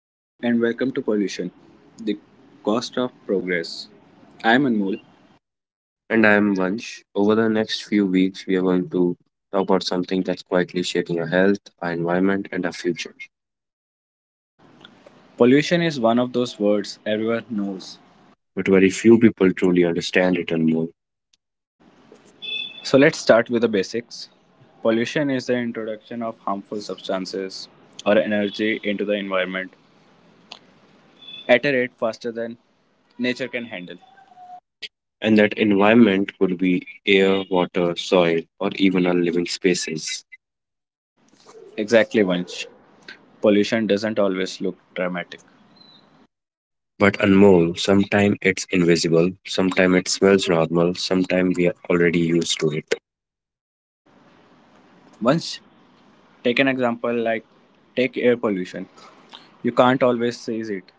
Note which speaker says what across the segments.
Speaker 1: Hello and welcome to Pollution, the Cost of Progress. I am Anmol.
Speaker 2: And I'm Vansh. Over the next few weeks, we are going to talk about something that's quietly shaping our health, our environment, and our future.
Speaker 1: Pollution is one of those words everyone knows.
Speaker 2: But very few people truly understand it and more.
Speaker 1: So let's start with the basics. Pollution is the introduction of harmful substances or energy into the environment at a rate faster than nature can handle.
Speaker 2: And that environment could be air, water, soil, or even our living spaces.
Speaker 1: Exactly, Vansh. Pollution doesn't always look dramatic.
Speaker 2: But Anmol, sometimes it's invisible, sometimes it smells normal, sometimes we are already used to it.
Speaker 1: Vansh, take an example like take air pollution. You can't always see it,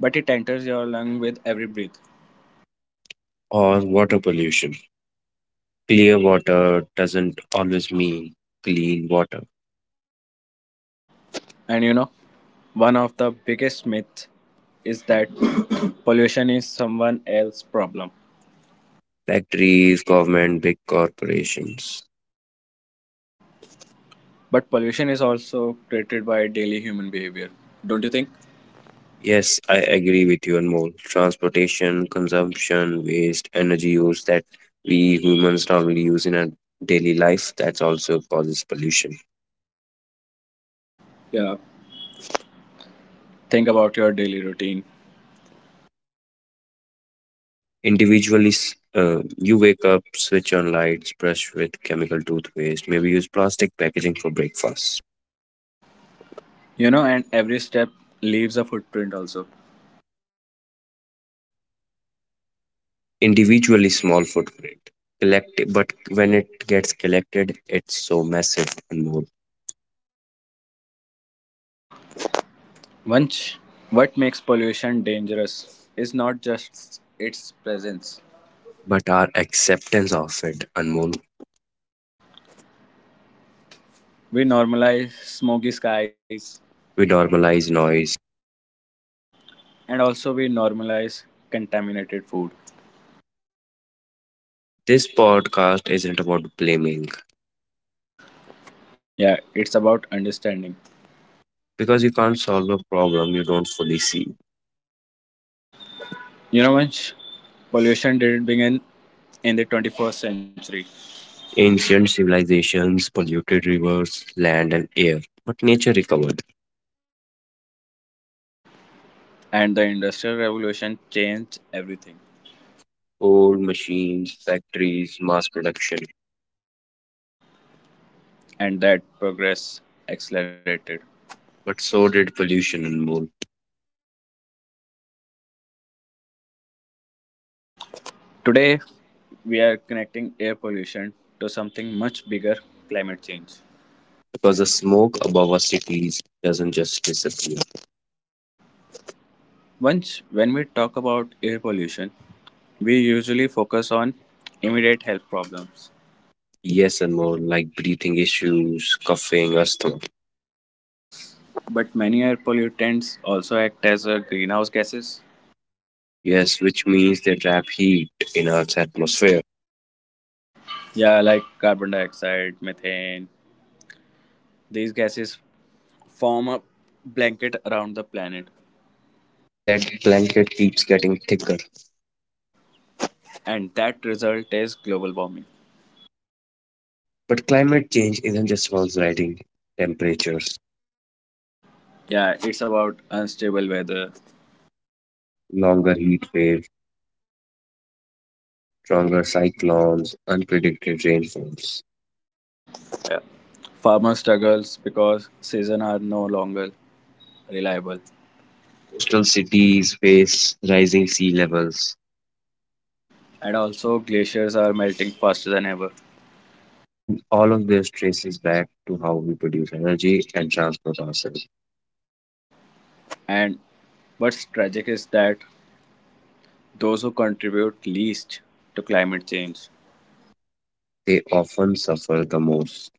Speaker 1: but it enters your lung with every breath.
Speaker 2: Or water pollution. Clear water doesn't always mean clean water.
Speaker 1: And one of the biggest myths is that pollution is someone else's problem.
Speaker 2: Factories, government, big corporations.
Speaker 1: But pollution is also created by daily human behavior. Don't you think?
Speaker 2: Yes, I agree with you, Anmol. Transportation, consumption, waste, energy use that we humans normally use in our daily life, that's also causes pollution.
Speaker 1: Yeah. Think about your daily routine.
Speaker 2: Individually, you wake up, switch on lights, brush with chemical toothpaste, maybe use plastic packaging for breakfast.
Speaker 1: And every step leaves a footprint also.
Speaker 2: Individually, small footprint. Collect, but when it gets collected, it's so massive, Anmol.
Speaker 1: Once what makes pollution dangerous is not just its presence.
Speaker 2: But our acceptance of it, Anmol,
Speaker 1: We normalize smoky skies
Speaker 2: we normalize noise.
Speaker 1: and also we normalize contaminated food.
Speaker 2: This podcast isn't about blaming
Speaker 1: Yeah, it's about understanding.
Speaker 2: because you can't solve a problem you don't fully see.
Speaker 1: Vansh, pollution didn't begin in the 21st century,
Speaker 2: Ancient civilizations, polluted rivers, land, and air, but nature recovered.
Speaker 1: and the Industrial Revolution changed everything,
Speaker 2: Old machines, factories, mass production,
Speaker 1: and that progress accelerated.
Speaker 2: but so did pollution and more,
Speaker 1: Today, we are connecting air pollution to something much bigger, climate change.
Speaker 2: because the smoke above our cities doesn't just disappear.
Speaker 1: Once, when we talk about air pollution, we usually focus on immediate health problems.
Speaker 2: Yes, and more like breathing issues, coughing, asthma.
Speaker 1: But many air pollutants also act as a greenhouse gases.
Speaker 2: Yes, which means they trap heat in Earth's atmosphere,
Speaker 1: Yeah, like carbon dioxide, methane. These gases form a blanket around the planet,
Speaker 2: and that blanket keeps getting thicker.
Speaker 1: and that result is global warming.
Speaker 2: But climate change isn't just about rising temperatures,
Speaker 1: Yeah, it's about unstable weather.
Speaker 2: longer heat waves, stronger cyclones, unpredicted rainfalls.
Speaker 1: Yeah. Farmer struggles because seasons are no longer reliable,
Speaker 2: Coastal cities face rising sea levels,
Speaker 1: and also glaciers are melting faster than ever.
Speaker 2: and all of this traces back to how we produce energy and transport ourselves.
Speaker 1: And what's tragic is that those who contribute least to climate change,
Speaker 2: They often suffer the most.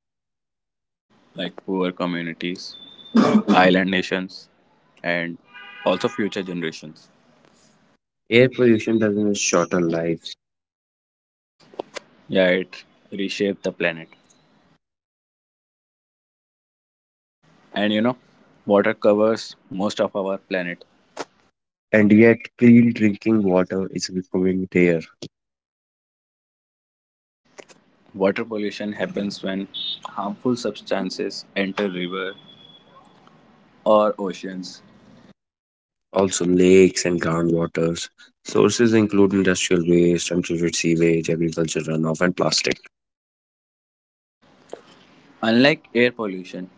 Speaker 1: like poor communities, island nations, and also future generations.
Speaker 2: Air pollution doesn't shorten lives,
Speaker 1: Yeah, it reshaped the planet. And water covers most of our planet.
Speaker 2: and yet clean drinking water is becoming rare.
Speaker 1: Water pollution happens when harmful substances enter river or oceans.
Speaker 2: Also, lakes and groundwaters. Sources include industrial waste, untreated sewage, agricultural runoff, and plastic.
Speaker 1: Unlike air pollution,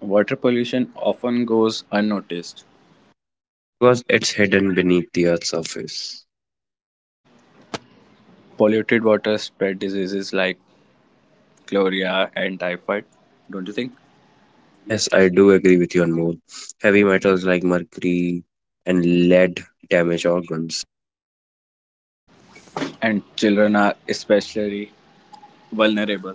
Speaker 1: water pollution often goes unnoticed.
Speaker 2: Because it's hidden beneath the Earth's surface.
Speaker 1: Polluted water spread diseases like cholera and typhoid, don't you think?
Speaker 2: Yes, I do agree with you on more. Heavy metals like mercury and lead damage organs.
Speaker 1: And children are especially vulnerable.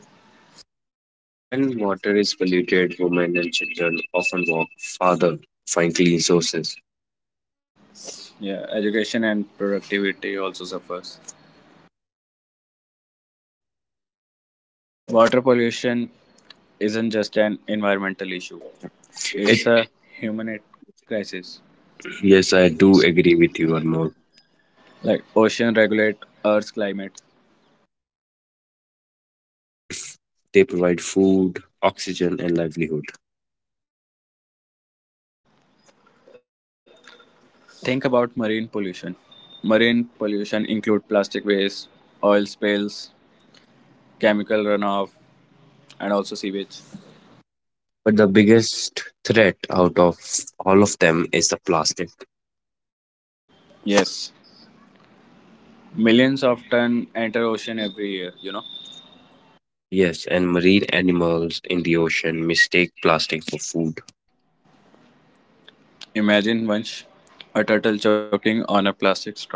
Speaker 2: When water is polluted, women and children often walk farther to find clean sources.
Speaker 1: Yeah, education and productivity also suffers. Water pollution isn't just an environmental issue.
Speaker 2: It,
Speaker 1: It's a human crisis.
Speaker 2: yes, I do agree with you on more.
Speaker 1: Like ocean regulate Earth's climate.
Speaker 2: They provide food, oxygen, and livelihood.
Speaker 1: Think about marine pollution. Marine pollution include plastic waste, oil spills, chemical runoff, and also sewage.
Speaker 2: But the biggest threat out of all of them is the plastic.
Speaker 1: Yes, millions of ton enter ocean every year.
Speaker 2: Yes, and marine animals in the ocean mistake plastic for food,
Speaker 1: Imagine once a turtle choking on a plastic straw.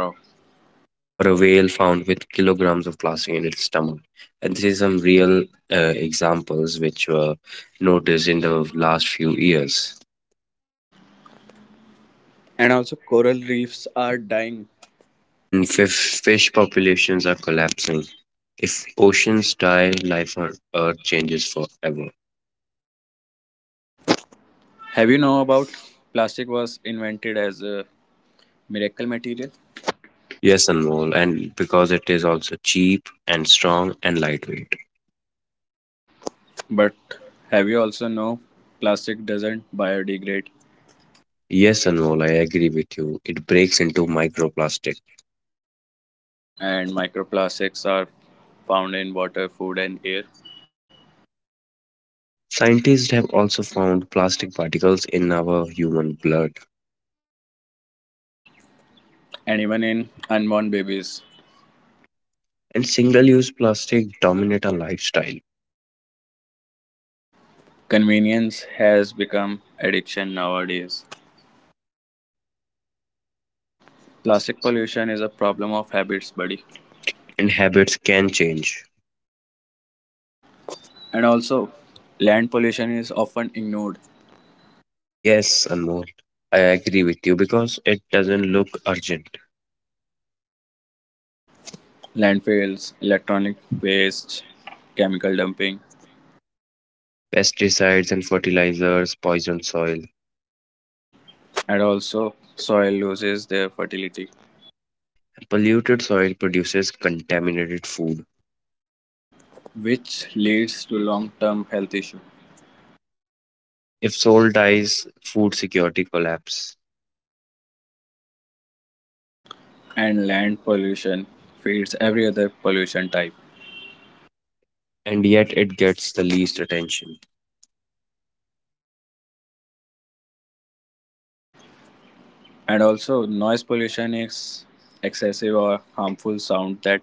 Speaker 2: or a whale found with kilograms of plastic in its stomach. And this is some real examples which were noticed in the last few years.
Speaker 1: And also, coral reefs are dying.
Speaker 2: And fish populations are collapsing. If oceans die, life on Earth changes forever.
Speaker 1: Have you know about plastic was invented as a miracle material?
Speaker 2: Yes, Anmol, and because it is also cheap and strong and lightweight.
Speaker 1: But have you also know plastic doesn't biodegrade
Speaker 2: Yes, Anmol, I agree with you. It breaks into microplastic.
Speaker 1: and microplastics are found in water, food and air
Speaker 2: Scientists have also found plastic particles in our human blood,
Speaker 1: and even in unborn babies.
Speaker 2: and single-use plastic dominate our lifestyle,
Speaker 1: Convenience has become addiction nowadays. Plastic pollution is a problem of habits, buddy.
Speaker 2: and habits can change.
Speaker 1: And also land pollution is often ignored.
Speaker 2: Yes, Anmol, I agree with you because it doesn't look urgent.
Speaker 1: Landfills, electronic waste, chemical dumping
Speaker 2: Pesticides and fertilizers poison soil.
Speaker 1: and also soil loses their fertility
Speaker 2: Polluted soil produces contaminated food.
Speaker 1: which leads to long term health issue
Speaker 2: If soil dies, food security collapse,
Speaker 1: and land pollution feeds every other pollution type.
Speaker 2: and yet it gets the least attention.
Speaker 1: And also, noise pollution is excessive or harmful sound that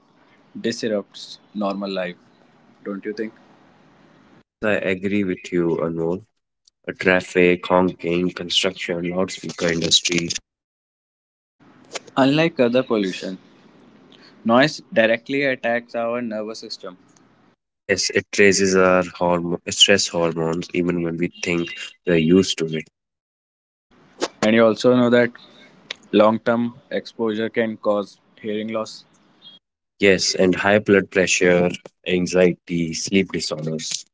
Speaker 1: disrupts normal life, don't you think?
Speaker 2: Yes, I agree with you, Anmol. Traffic, honking, construction, loudspeaker industry.
Speaker 1: Unlike other pollution, noise directly attacks our nervous system.
Speaker 2: Yes, it raises our hormone, stress hormones even when we think we're used to it.
Speaker 1: And you also know that long term exposure can cause hearing loss.
Speaker 2: Yes, and high blood pressure, anxiety, sleep disorders,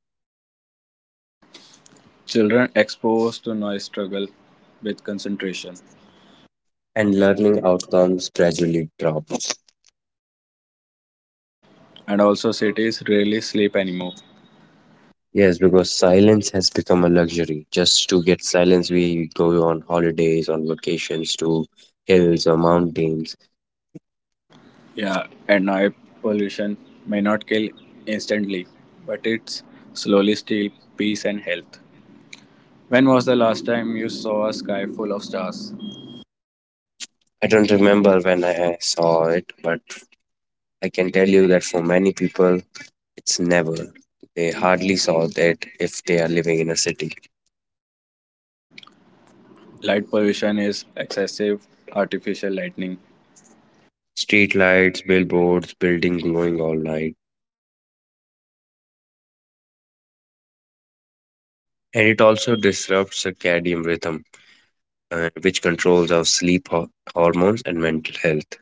Speaker 1: Children exposed to noise struggle with concentration.
Speaker 2: and learning outcomes gradually drop.
Speaker 1: And also, cities rarely sleep anymore.
Speaker 2: Yes, because silence has become a luxury. Just to get silence, we go on holidays, on vacations to hills or mountains.
Speaker 1: Yeah, and air pollution may not kill instantly, but it's slowly steal peace and health. When was the last time you saw a sky full of stars?
Speaker 2: I don't remember when I saw it, but I can tell you that for many people, it's never. They hardly saw that if they are living in a city.
Speaker 1: Light pollution is excessive artificial lightning.
Speaker 2: Street lights, billboards, building glowing all night. And it also disrupts circadian rhythm, which controls our sleep hormones and mental health.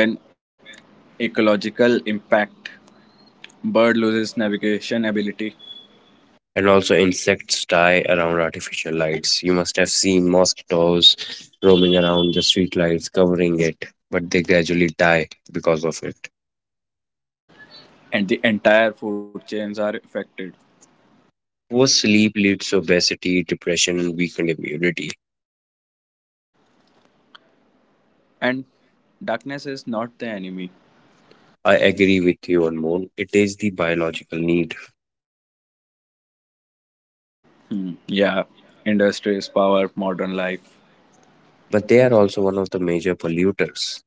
Speaker 1: And when ecological impact, bird loses navigation ability
Speaker 2: And also, insects die around artificial lights. You must have seen mosquitoes roaming around the street lights, covering it, but they gradually die because of it.
Speaker 1: and the entire food chains are affected.
Speaker 2: Poor sleep leads to obesity, depression, and weakened immunity.
Speaker 1: And darkness is not the enemy.
Speaker 2: I agree with you, Anmol. It is the biological need,
Speaker 1: Yeah, industries power modern life.
Speaker 2: but they are also one of the major polluters.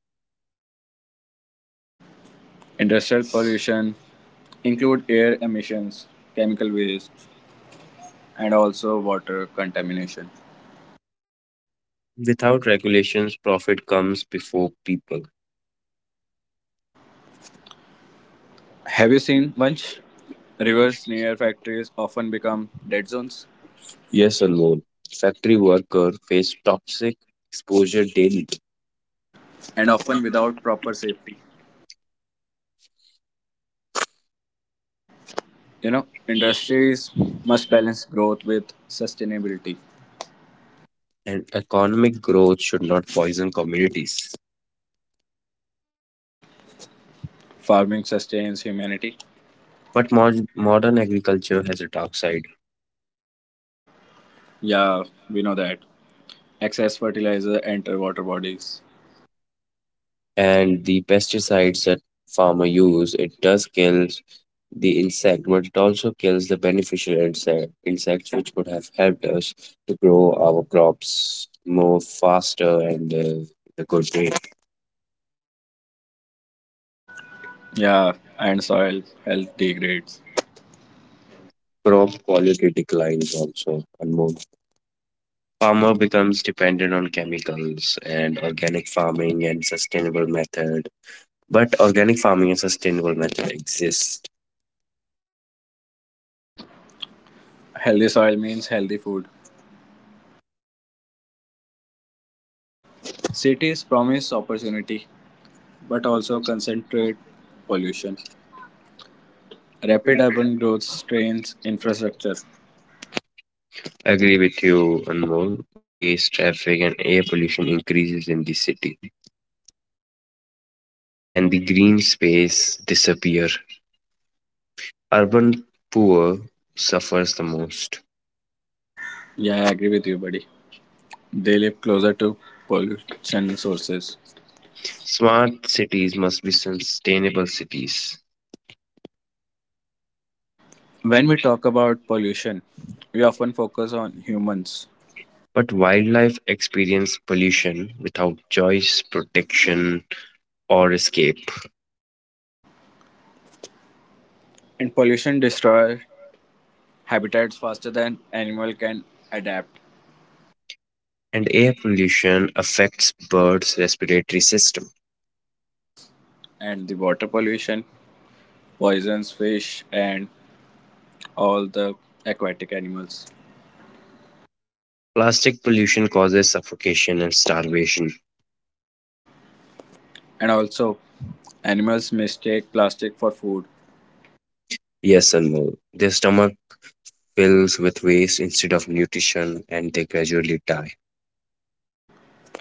Speaker 1: Industrial pollution include air emissions, chemical waste, and also water contamination.
Speaker 2: Without regulations, profit comes before people.
Speaker 1: Have you seen Vansh? Rivers near factories often become dead zones
Speaker 2: Yes, Anmol. Factory workers face toxic exposure daily,
Speaker 1: and often without proper safety. Industries must balance growth with sustainability.
Speaker 2: and economic growth should not poison communities.
Speaker 1: Farming sustains humanity.
Speaker 2: But modern agriculture has a dark side.
Speaker 1: Yeah, we know that. Excess fertilizer enter water bodies.
Speaker 2: And the pesticides that farmer use it does kills the insect, but it also kills the beneficial insects which would have helped us to grow our crops more faster and in a good way.
Speaker 1: Yeah, and soil health degrades.
Speaker 2: And crop quality declines also, and more farmer becomes dependent on chemicals, and organic farming and sustainable method, but organic farming and sustainable method exist.
Speaker 1: Healthy soil means healthy food. Cities promise opportunity, but also concentrate pollution. Rapid urban growth strains infrastructure.
Speaker 2: Agree with you, Anmol. Waste, traffic, and air pollution increases in the city, and the green space disappear. Urban poor suffers the most.
Speaker 1: Yeah, I agree with you, buddy. They live closer to pollution sources.
Speaker 2: Smart cities must be sustainable cities.
Speaker 1: When we talk about pollution, we often focus on humans.
Speaker 2: But wildlife experience pollution without choice, protection, or escape.
Speaker 1: And pollution destroys habitats faster than animal can adapt.
Speaker 2: And air pollution affects birds' respiratory system.
Speaker 1: And the water pollution poisons fish and all the aquatic animals.
Speaker 2: Plastic pollution causes suffocation and starvation.
Speaker 1: And also, animals mistake plastic for food
Speaker 2: Yes, Anmol. Their stomach fills with waste instead of nutrition and they gradually die.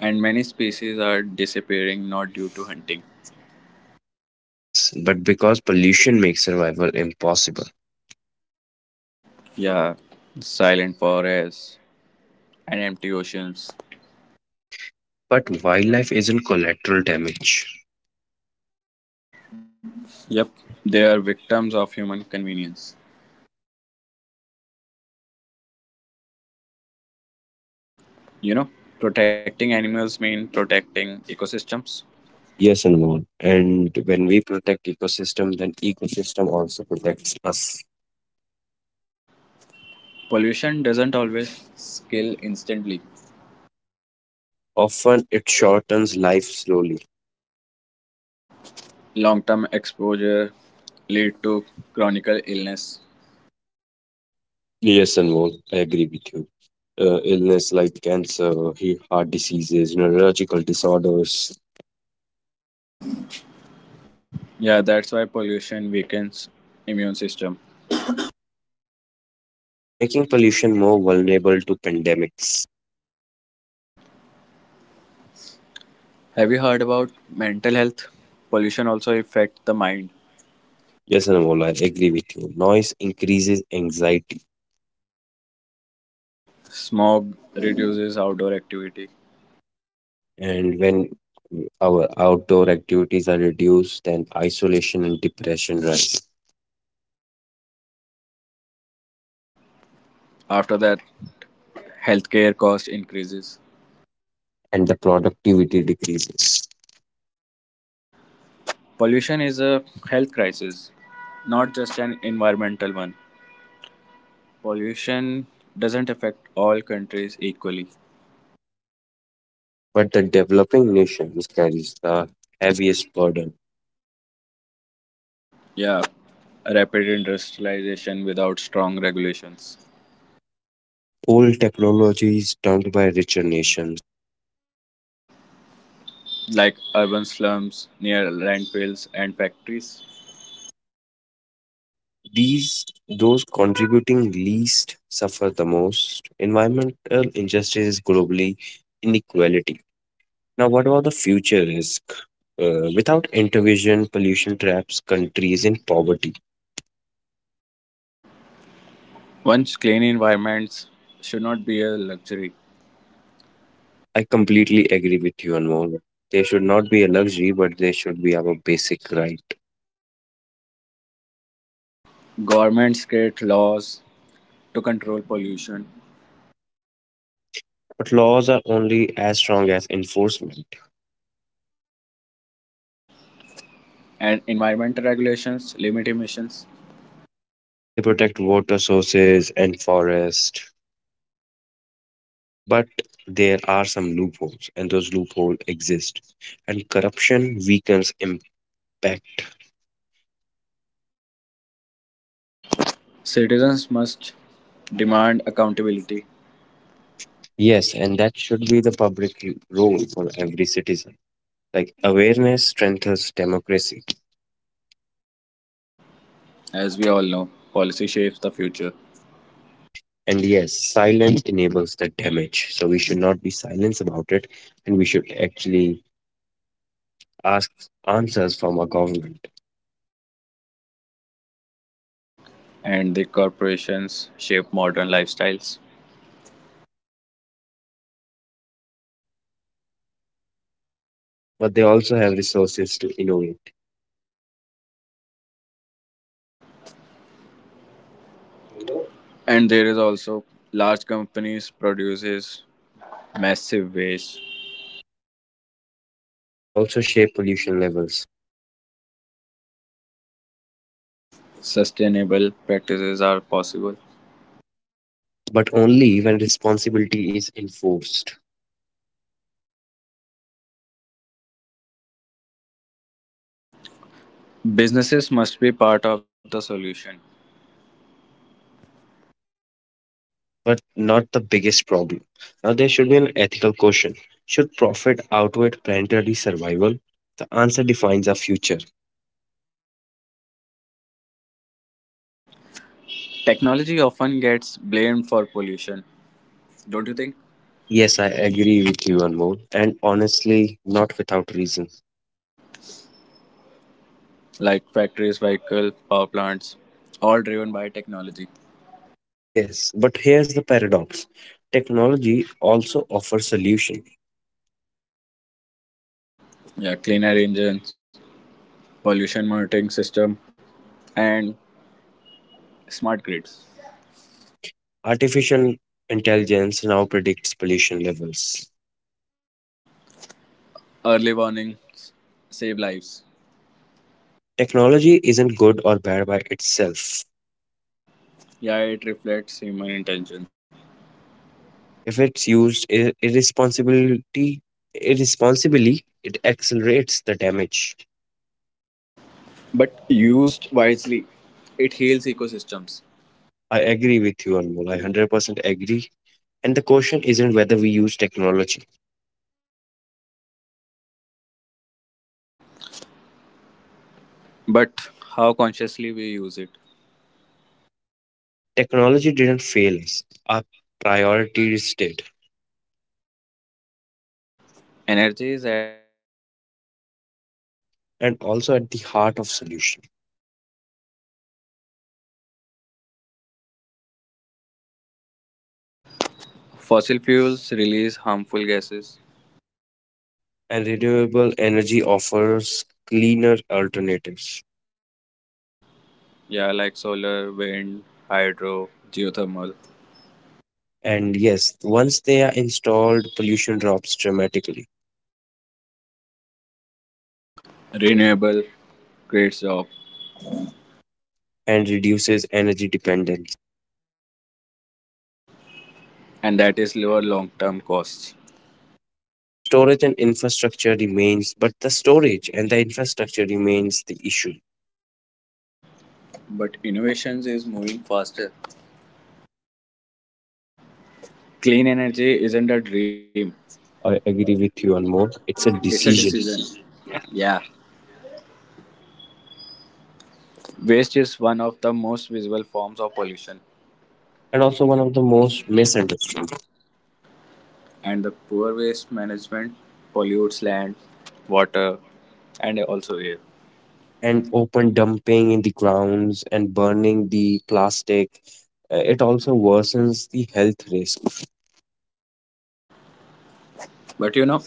Speaker 1: and many species are disappearing not due to hunting.
Speaker 2: Yes, but because pollution makes survival impossible.
Speaker 1: Yeah, silent forests and empty oceans.
Speaker 2: But wildlife isn't collateral damage.
Speaker 1: Yep, they are victims of human convenience. You know, Protecting animals mean protecting ecosystems.
Speaker 2: Yes, Anmol. And when we protect ecosystem, then ecosystem also protects us.
Speaker 1: Pollution doesn't always kill instantly.
Speaker 2: Often it shortens life slowly.
Speaker 1: Long-term exposure lead to chronic illness.
Speaker 2: Yes, Anmol, I agree with you. Illness like cancer, heart diseases, neurological disorders,
Speaker 1: Yeah, that's why pollution weakens immune system.
Speaker 2: making pollution more vulnerable to pandemics.
Speaker 1: Have you heard about mental health? Pollution also affect the mind.
Speaker 2: Yes, Anmol, I agree with you. Noise increases anxiety,
Speaker 1: Smog reduces outdoor activity.
Speaker 2: and when our outdoor activities are reduced, then isolation and depression rise,
Speaker 1: After that, healthcare cost increases.
Speaker 2: and the productivity decreases.
Speaker 1: Pollution is a health crisis, not just an environmental one. Pollution doesn't affect all countries equally.
Speaker 2: But the developing nations carries the heaviest burden.
Speaker 1: Yeah, rapid industrialization without strong regulations,
Speaker 2: Old technology is dumped by richer nations.
Speaker 1: like urban slums near landfills and factories.
Speaker 2: These Those contributing least suffer the most. Environmental injustice is globally inequality. Now, what about the future risk? Without intervention, pollution traps countries in poverty.
Speaker 1: Once clean environments should not be a luxury.
Speaker 2: I completely agree with you, Anmol. They should not be a luxury, but they should be our basic right.
Speaker 1: Governments create laws to control pollution,
Speaker 2: But laws are only as strong as enforcement.
Speaker 1: and environmental regulations limit emissions.
Speaker 2: They protect water sources and forests, but there are some loopholes, and those loopholes exist. And corruption weakens impact.
Speaker 1: Citizens must demand accountability.
Speaker 2: Yes, and that should be the public role for every citizen. Like awareness strengthens democracy.
Speaker 1: As we all know, policy shapes the future,
Speaker 2: And yes, silence enables the damage. So we should not be silent about it, and we should actually ask answers from our government.
Speaker 1: and the corporations shape modern lifestyles.
Speaker 2: But they also have resources to innovate,
Speaker 1: And there is also large companies produces massive waste.
Speaker 2: and they also shape pollution levels.
Speaker 1: Sustainable practices are possible.
Speaker 2: But only when responsibility is enforced.
Speaker 1: Businesses must be part of the solution.
Speaker 2: But not the biggest problem. Now there should be an ethical question. Should profit outweigh planetary survival? The answer defines our future.
Speaker 1: Technology often gets blamed for pollution, don't you think?
Speaker 2: Yes, I agree with you, Anmol, and honestly, not without reason.
Speaker 1: Like factories, vehicle, power plants, all driven by technology.
Speaker 2: Yes, but here's the paradox. Technology also offers solution.
Speaker 1: Yeah, cleaner engines, pollution monitoring system, and smart grids.
Speaker 2: Artificial intelligence now predicts pollution levels.
Speaker 1: Early warnings save lives.
Speaker 2: Technology isn't good or bad by itself.
Speaker 1: Yeah, it reflects human intention,
Speaker 2: If it's used irresponsibly, it accelerates the damage.
Speaker 1: but used wisely, it heals ecosystems.
Speaker 2: I agree with you, Anmol. I 100% agree. And the question isn't whether we use technology.
Speaker 1: But how consciously we use it?
Speaker 2: Technology didn't fail us. Our priorities did,
Speaker 1: Energy is
Speaker 2: and also at the heart of solution.
Speaker 3: Fossil fuels release harmful gases,
Speaker 2: And renewable energy offers cleaner alternatives.
Speaker 3: yeah, like solar, wind, hydro, geothermal.
Speaker 2: And yes, once they are installed, pollution drops dramatically
Speaker 3: Renewable creates job,
Speaker 2: and reduces energy dependence.
Speaker 3: and that is lower long-term costs.
Speaker 2: And storage and infrastructure remains, but the storage and the infrastructure remains the issue.
Speaker 3: But innovations is moving faster. Clean energy isn't a dream;
Speaker 2: I agree with you on more. It's a
Speaker 3: it's a
Speaker 2: decision
Speaker 3: decision. Yeah, waste is one of the most visible forms of pollution,
Speaker 2: and also one of the most misunderstood.
Speaker 3: and the poor waste management pollutes land, water, and also air.
Speaker 2: And open dumping in the grounds and burning the plastic, it also worsens the health risk.
Speaker 3: But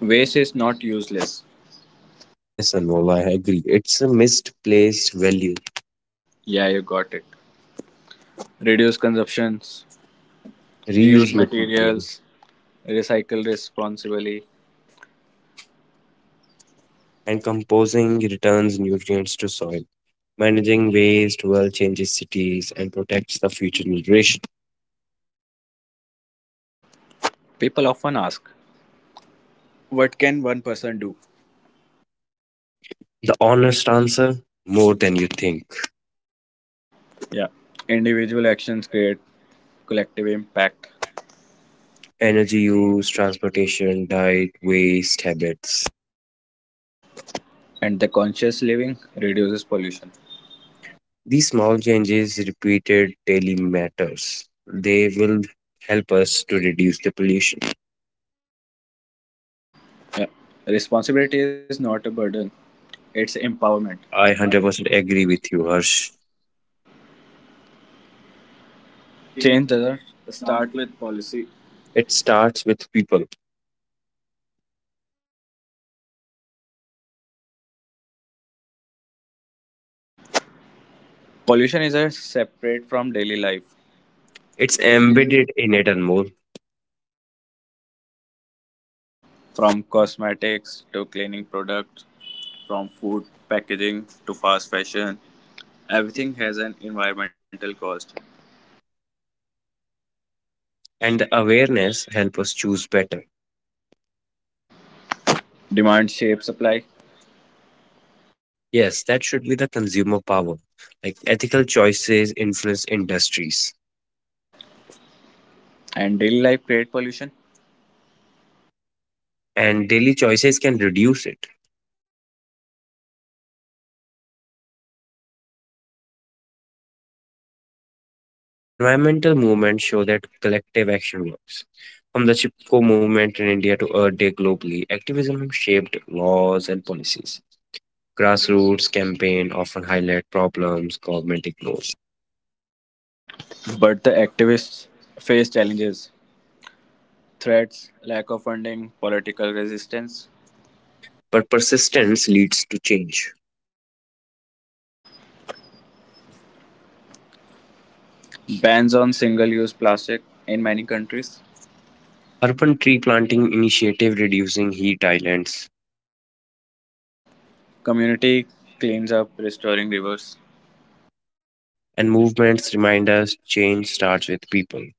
Speaker 3: waste is not useless.
Speaker 2: Yes, Anmol, I agree. It's a misplaced value.
Speaker 3: Yeah, you got it. Reduce consumptions, reuse
Speaker 2: Reuse material
Speaker 3: materials, recycle responsibly.
Speaker 2: and composing returns nutrients to soil. Managing waste well changes cities and protects the future generation.
Speaker 3: People often ask, what can one person do?
Speaker 2: The honest answer, more than you think.
Speaker 3: Yeah, individual actions create collective impact,
Speaker 2: Energy use, transportation, diet, waste, habits.
Speaker 3: and the conscious living reduces pollution.
Speaker 2: These small changes repeated daily matters. They will help us to reduce the pollution.
Speaker 3: Yeah, responsibility is not a burden, it's empowerment.
Speaker 2: I 100% agree with you, Harsh. It
Speaker 3: Change doesn't start with policy.
Speaker 2: starts with people.
Speaker 3: Pollution is a separate from daily life,
Speaker 2: It's embedded in it and more.
Speaker 3: from cosmetics to cleaning products, from food packaging to fast fashion. Everything has an environmental cost.
Speaker 2: And the awareness help us choose better.
Speaker 3: Demand shapes supply,
Speaker 2: Yes, that should be the consumer power. Like ethical choices influence industries,
Speaker 3: and daily life create pollution.
Speaker 2: and daily choices can reduce it. Environmental movements show that collective action works. From the Chipko movement in India to Earth Day globally, activism shaped laws and policies. Grassroots campaigns often highlight problems government ignores,
Speaker 3: But the activists face challenges, threats, lack of funding, political resistance,
Speaker 2: but persistence leads to change.
Speaker 3: bans on single-use plastic in many countries,
Speaker 2: Urban tree planting initiative reducing heat islands,
Speaker 3: community cleans up, restoring rivers,
Speaker 2: and movements remind us change starts with people.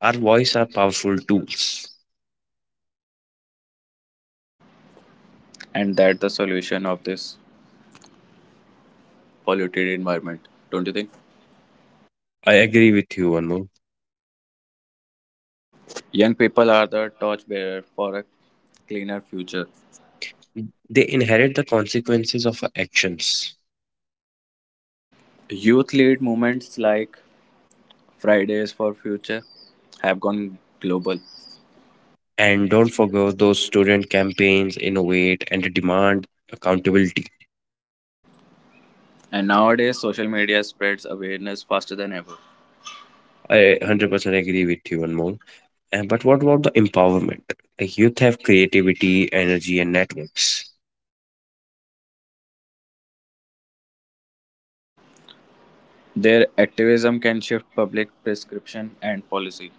Speaker 2: Our voice are powerful tools.
Speaker 3: and that's the solution of this polluted environment. Don't you think?
Speaker 2: I agree with you, Anmol.
Speaker 3: Young people are the torchbearer for a cleaner future.
Speaker 2: They inherit the consequences of our actions.
Speaker 3: Youth lead movements like Fridays for Future have gone global,
Speaker 2: And don't forget those student campaigns innovate and demand accountability.
Speaker 3: and nowadays social media spreads awareness faster than ever.
Speaker 2: I 100% agree with you, Anmol. And but what about the empowerment? Like youth have creativity, energy, and networks.
Speaker 3: Their activism can shift public prescription and policy.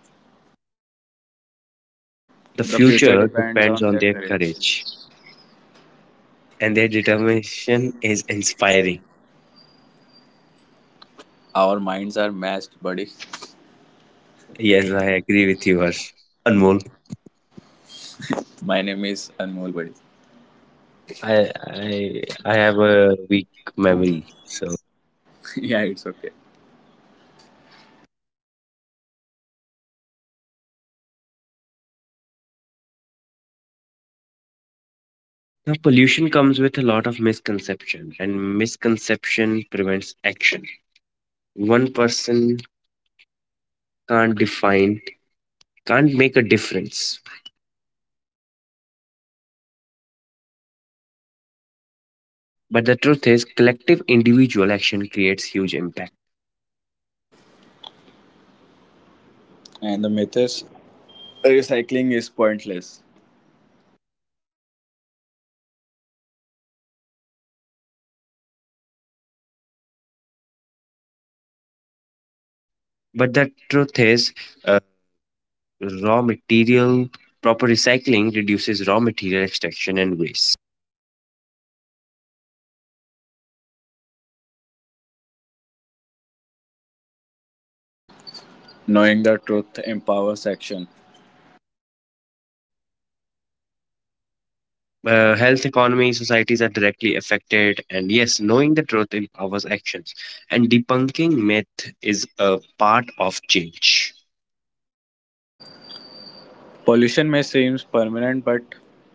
Speaker 2: The
Speaker 3: The future
Speaker 2: future
Speaker 3: depends
Speaker 2: depends
Speaker 3: on
Speaker 2: on
Speaker 3: their
Speaker 2: their
Speaker 3: courage.
Speaker 2: courage, and their determination is inspiring.
Speaker 3: Our minds are matched, buddy.
Speaker 2: Yes, I agree with you, Harsh. Anmol,
Speaker 3: My name is Anmol, buddy.
Speaker 2: I have a weak memory, so.
Speaker 3: Yeah, it's okay.
Speaker 2: Now, pollution comes with a lot of misconception, and misconception prevents action. One person can't define can't make a difference, but the truth is collective individual action creates huge impact.
Speaker 3: And the myth is recycling is pointless.
Speaker 2: But the truth is, uh, raw material proper recycling reduces raw material extraction and waste.
Speaker 3: Knowing the truth empowers action.
Speaker 2: Health economy societies are directly affected, and yes, knowing the truth empowers actions, and debunking myth is a part of change.
Speaker 3: Pollution may seem permanent, but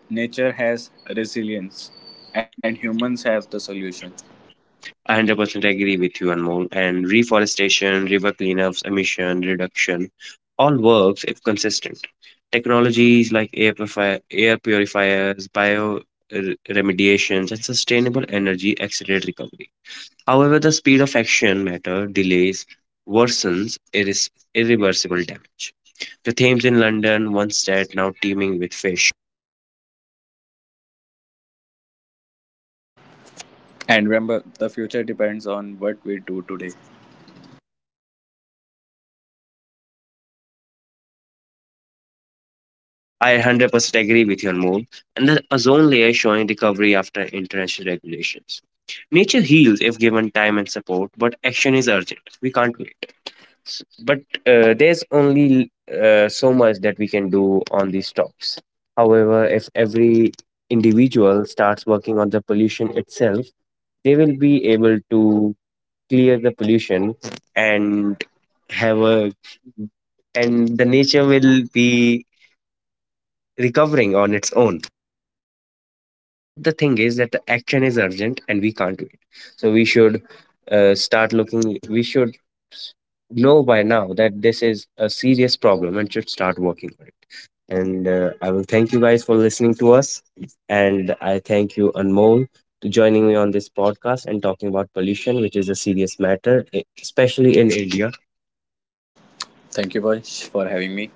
Speaker 3: nature has resilience, and humans have the solution.
Speaker 2: I 100% agree with you, Anmol. And reforestation, river cleanups, emission reduction, all works if consistent. Technologies like air purifiers, remediations, and sustainable energy accelerate recovery. However, the speed of action matter, delays worsens irreversible damage. The Thames in London, once dead, now teeming with fish.
Speaker 3: And remember, the future depends on what we do today.
Speaker 2: I 100% agree with your move. And the ozone layer showing recovery after international regulations. Nature heals if given time and support, but action is urgent. We can't wait. But there's only so much that we can do on these talks. However, if every individual starts working on the pollution itself, they will be able to clear the pollution and have a and the nature will be recovering on its own. But the thing is that the action is urgent and we can't wait, so we should start looking we should s- know by now that this is a serious problem and should start working on it. And I will thank you guys for listening to us. And I thank you, Anmol, to joining me on this podcast and talking about pollution which is a serious matter, especially in India.
Speaker 3: Thank you, Vansh, for having me.